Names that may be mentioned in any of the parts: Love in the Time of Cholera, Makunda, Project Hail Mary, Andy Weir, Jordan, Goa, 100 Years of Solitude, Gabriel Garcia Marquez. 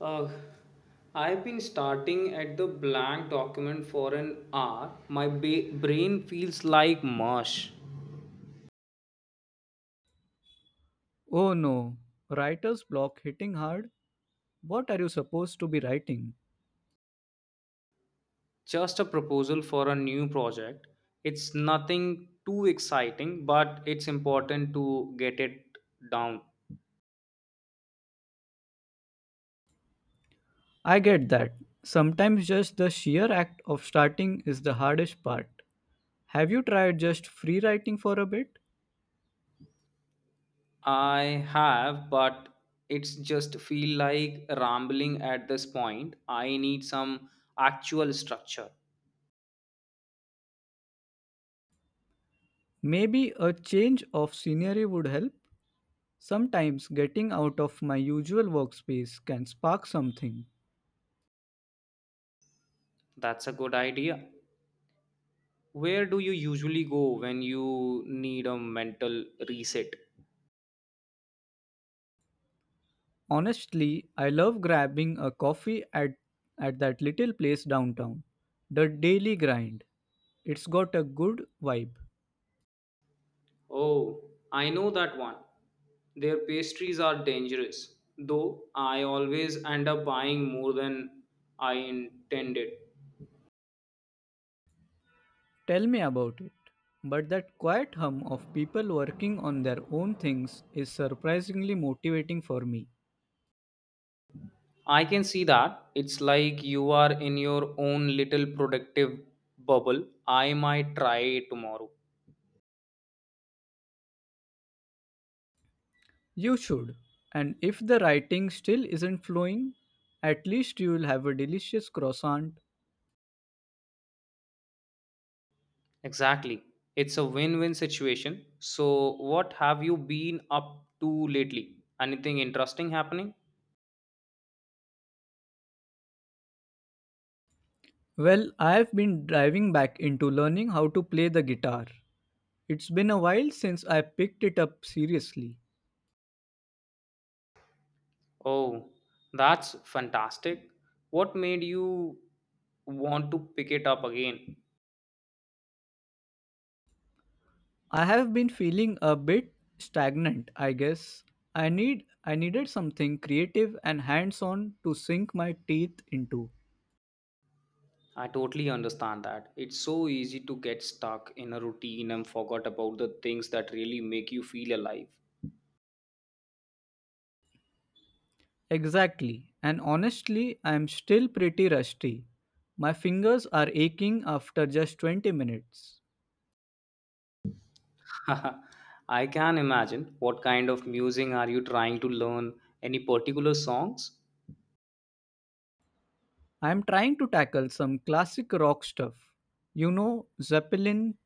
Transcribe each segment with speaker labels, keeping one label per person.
Speaker 1: Uh, I've been starting at the blank document for an hour. Brain feels like mush.
Speaker 2: Oh no, writer's block hitting hard? What are you supposed to be writing?
Speaker 1: Just a proposal for a new project. It's nothing too exciting, but it's important to get it down.
Speaker 2: I get that. Sometimes just the sheer act of starting is the hardest part. Have you tried just free writing for a bit?
Speaker 1: I have, but it's just feel like rambling at this point. I need some actual structure.
Speaker 2: Maybe a change of scenery would help. Sometimes getting out of my usual workspace can spark something.
Speaker 1: That's a good idea. Where do you usually go when you need a mental reset?
Speaker 2: Honestly, I love grabbing a coffee at that little place downtown. The daily grind. It's got a good vibe.
Speaker 1: Oh, I know that one. Their pastries are dangerous, though I always end up buying more than I intended.
Speaker 2: Tell me about it. But that quiet hum of people working on their own things is surprisingly motivating for me.
Speaker 1: I can see that. It's like you are in your own little productive bubble. I might try it tomorrow.
Speaker 2: You should. And if the writing still isn't flowing, at least you will have a delicious croissant.
Speaker 1: Exactly. It's a win win situation. So, what have you been up to lately? Anything interesting happening?
Speaker 2: Well, I've been driving back into learning how to play the guitar. It's been a while since I picked it up seriously.
Speaker 1: Oh, that's fantastic. What made you want to pick it up again?
Speaker 2: I have been feeling a bit stagnant, I guess. I needed something creative and hands-on to sink my teeth into.
Speaker 1: I totally understand that. It's so easy to get stuck in a routine and forget about the things that really make you feel alive.
Speaker 2: Exactly. And honestly, I am still pretty rusty. My fingers are aching after just 20 minutes.
Speaker 1: I can imagine. What kind of music are you trying to learn? Any particular songs?
Speaker 2: I am trying to tackle some classic rock stuff. You know, Zeppelin,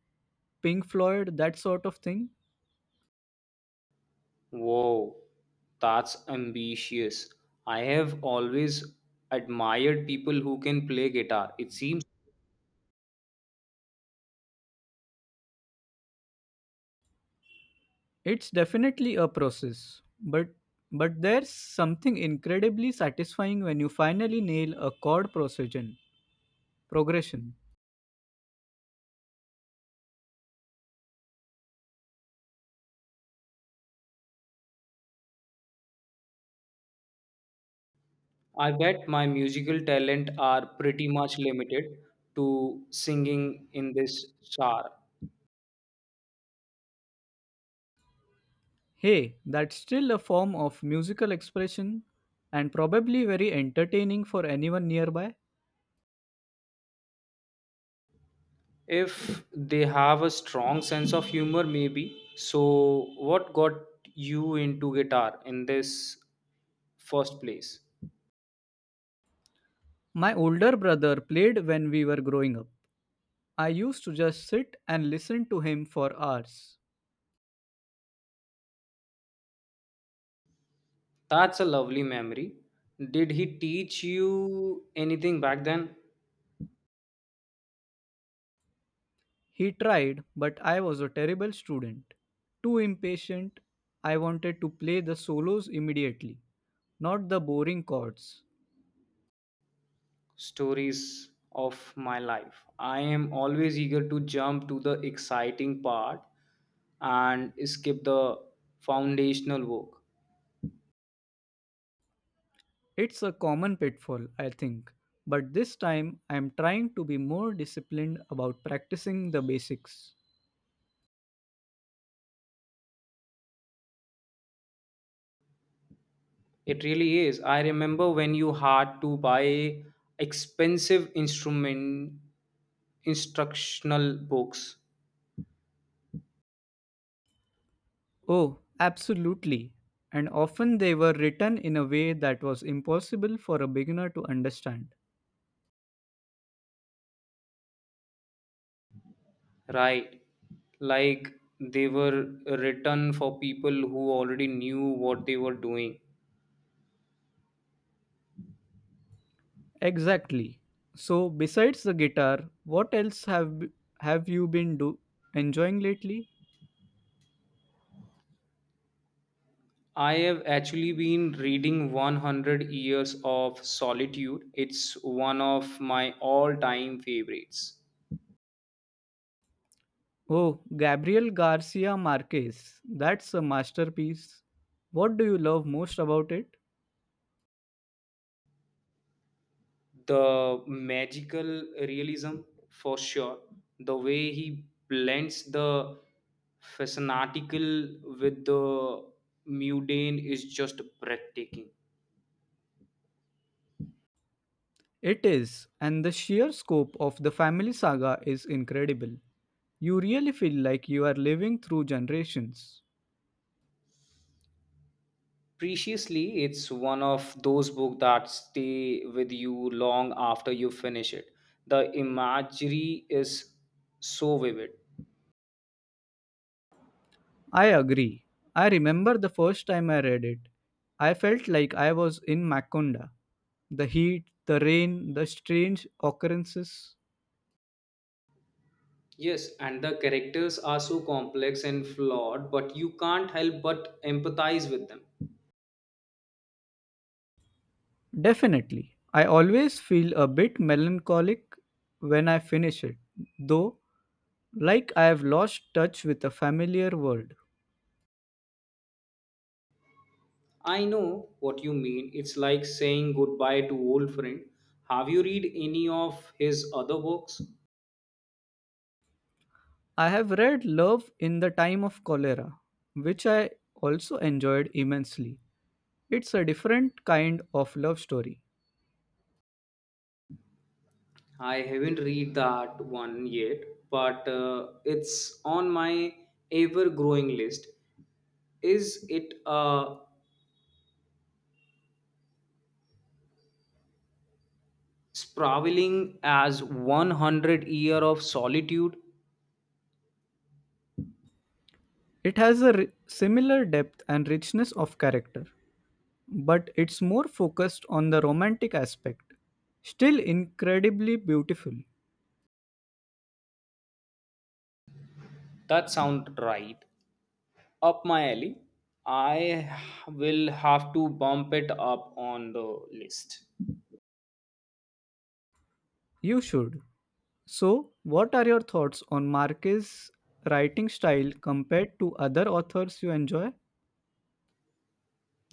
Speaker 2: Pink Floyd, that sort of thing.
Speaker 1: Whoa, that's ambitious. I have always admired people who can play guitar. It seems
Speaker 2: It's definitely a process, but there's something incredibly satisfying when you finally nail a progression.
Speaker 1: I bet my musical talent are pretty much limited to singing in this genre.
Speaker 2: Hey, that's still a form of musical expression and probably very entertaining for anyone nearby.
Speaker 1: If they have a strong sense of humor, maybe. So, what got you into guitar in this first place?
Speaker 2: My older brother played when we were growing up. I used to just sit and listen to him for hours.
Speaker 1: That's a lovely memory. Did he teach you anything back then?
Speaker 2: He tried, but I was a terrible student. Too impatient, I wanted to play the solos immediately, not the boring chords.
Speaker 1: Stories of my life. I am always eager to jump to the exciting part and skip the foundational work.
Speaker 2: It's a common pitfall, I think, but this time I am trying to be more disciplined about practicing the basics.
Speaker 1: It really is. I remember when you had to buy expensive instrument instructional books,
Speaker 2: Oh, absolutely. And often they were written in a way that was impossible for a beginner to understand.
Speaker 1: right? Like they were written for people who already knew what they were doing.
Speaker 2: Exactly. So, besides the guitar, what else have b- have you been do enjoying lately?
Speaker 1: I have actually been reading 100 Years of Solitude. It's one of my all time favorites.
Speaker 2: Oh, Gabriel Garcia Marquez. That's a masterpiece. What do you love most about it?
Speaker 1: The magical realism for sure, the way he blends the fascinatical with the mundane is just breathtaking.
Speaker 2: It is, and the sheer scope of the family saga is incredible. You really feel like you are living through generations.
Speaker 1: Preciously, it's one of those books that stay with you long after you finish it. The imagery is so vivid.
Speaker 2: I agree. I remember the first time I read it. I felt like I was in Makunda. The heat, the rain, the strange occurrences.
Speaker 1: Yes, and the characters are so complex and flawed, but you can't help but empathize with them.
Speaker 2: Definitely. I always feel a bit melancholic when I finish it, though, like I have lost touch with a familiar world.
Speaker 1: I know what you mean. It's like saying goodbye to old friend. Have you read any of his other books?
Speaker 2: I have read Love in the Time of Cholera, which I also enjoyed immensely. It's a different kind of love story.
Speaker 1: I haven't read that one yet, but it's on my ever-growing list. Is it sprawling as 100 year of solitude?
Speaker 2: It has a ri- similar depth and richness of character, but it's more focused on the romantic aspect. Still incredibly beautiful.
Speaker 1: That sounds right. Up my alley. I will have to bump it up on the list.
Speaker 2: You should. So, what are your thoughts on Marquez's writing style compared to other authors you enjoy?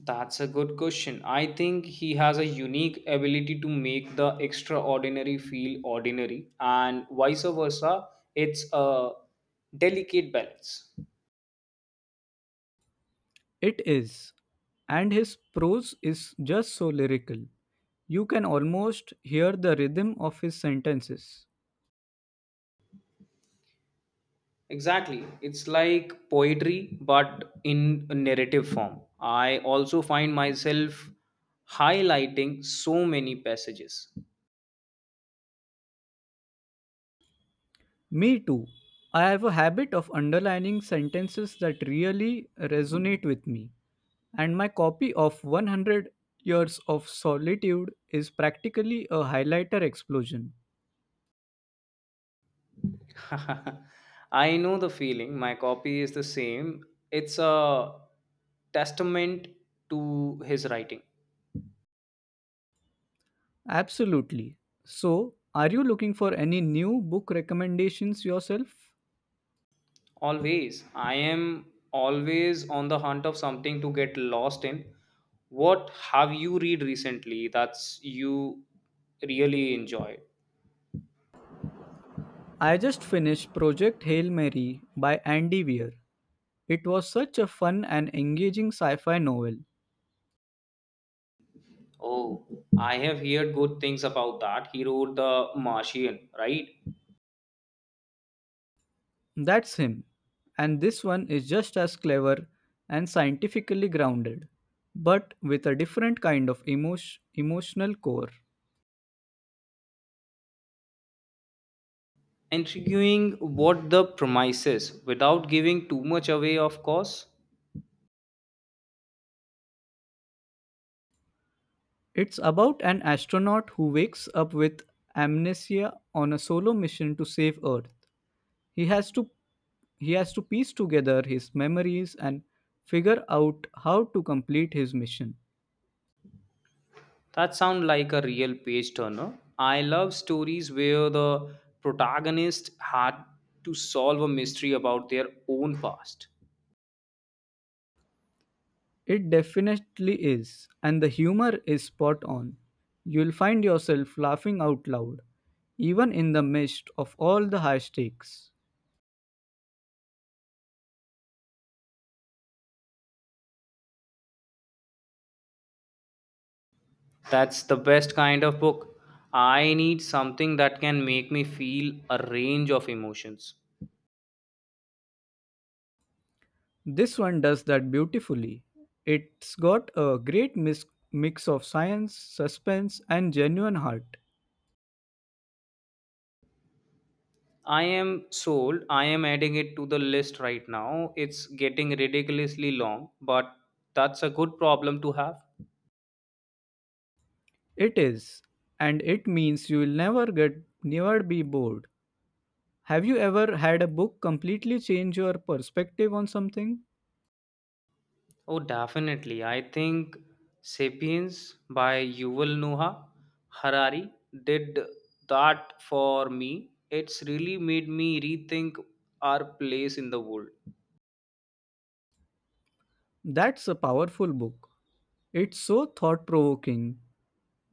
Speaker 1: That's a good question. I think he has a unique ability to make the extraordinary feel ordinary, and vice versa. It's a delicate balance.
Speaker 2: It is. And his prose is just so lyrical. You can almost hear the rhythm of his sentences.
Speaker 1: Exactly. It's like poetry, but in a narrative form. I also find myself highlighting so many passages.
Speaker 2: Me too. I have a habit of underlining sentences that really resonate with me, and my copy of 100 Years of Solitude is practically a highlighter explosion.
Speaker 1: I know the feeling. My copy is the same. It's a testament to his writing.
Speaker 2: Absolutely. So, are you looking for any new book recommendations yourself?
Speaker 1: Always. I am always on the hunt of something to get lost in. What have you read recently that's you really enjoy?
Speaker 2: I just finished Project Hail Mary by Andy Weir. It was such a fun and engaging sci fi novel.
Speaker 1: Oh, I have heard good things about that. He wrote The Martian, right?
Speaker 2: That's him. And this one is just as clever and scientifically grounded, but with a different kind of emotional core.
Speaker 1: Intriguing what the premise is without giving too much away, of course.
Speaker 2: It's about an astronaut who wakes up with amnesia on a solo mission to save Earth. He has to he has to piece together his memories and figure out how to complete his mission.
Speaker 1: That sounds like a real page turner. I love stories where the protagonist had to solve a mystery about their own past.
Speaker 2: It definitely is, and the humor is spot on. You'll find yourself laughing out loud, even in the midst of all the high stakes.
Speaker 1: That's the best kind of book. I need something that can make me feel a range of emotions.
Speaker 2: This one does that beautifully. It's got a great mix of science, suspense, and genuine heart.
Speaker 1: I am sold. I am adding it to the list right now. It's getting ridiculously long, but that's a good problem to have.
Speaker 2: It is, and it means you'll never be bored. Have you ever had a book completely change your perspective on something?
Speaker 1: Oh, definitely. I think Sapiens by Yuval Noah Harari did that for me. It's really made me rethink our place in the world.
Speaker 2: That's a powerful book. It's so thought provoking.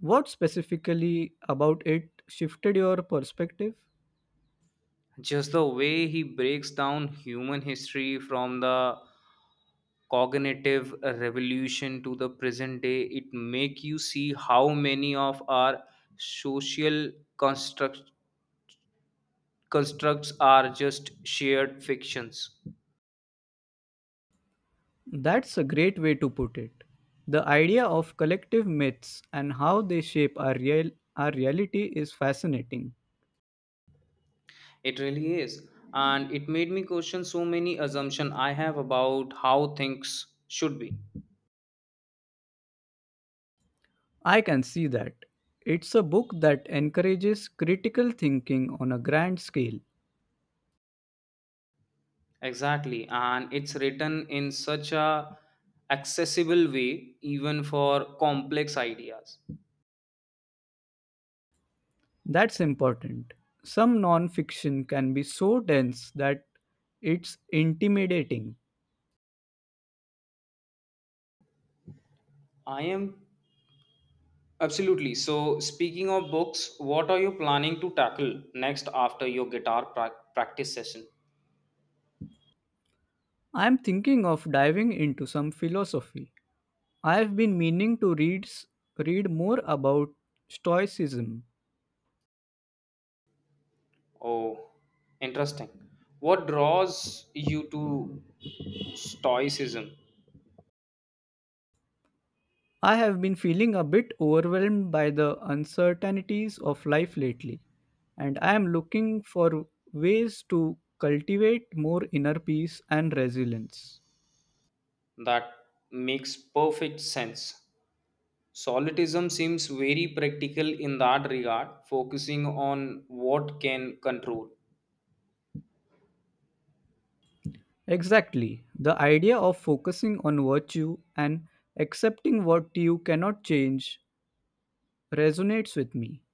Speaker 2: What specifically about it shifted your perspective?
Speaker 1: Just the way he breaks down human history from the cognitive revolution to the present day, it make you see how many of our social construct constructs are just shared fictions.
Speaker 2: That's a great way to put it. The idea of collective myths and how they shape our reality is fascinating.
Speaker 1: It really is, and it made me question so many assumptions I have about how things should be.
Speaker 2: I can see that. It's a book that encourages critical thinking on a grand scale.
Speaker 1: Exactly, and it's written in such a accessible way even for complex ideas.
Speaker 2: That's important. Some non-fiction can be so dense that it's intimidating.
Speaker 1: I am absolutely. So speaking of books, what are you planning to tackle next after your practice session?
Speaker 2: I'm thinking of diving into some philosophy. I've been meaning to read more about stoicism.
Speaker 1: Oh, interesting. What draws you to stoicism?
Speaker 2: I have been feeling a bit overwhelmed by the uncertainties of life lately, and I am looking for ways to cultivate more inner peace and resilience.
Speaker 1: That makes perfect sense. Solipsism seems very practical in that regard, focusing on what can control
Speaker 2: Exactly. The idea of focusing on virtue and accepting what you cannot change resonates with me.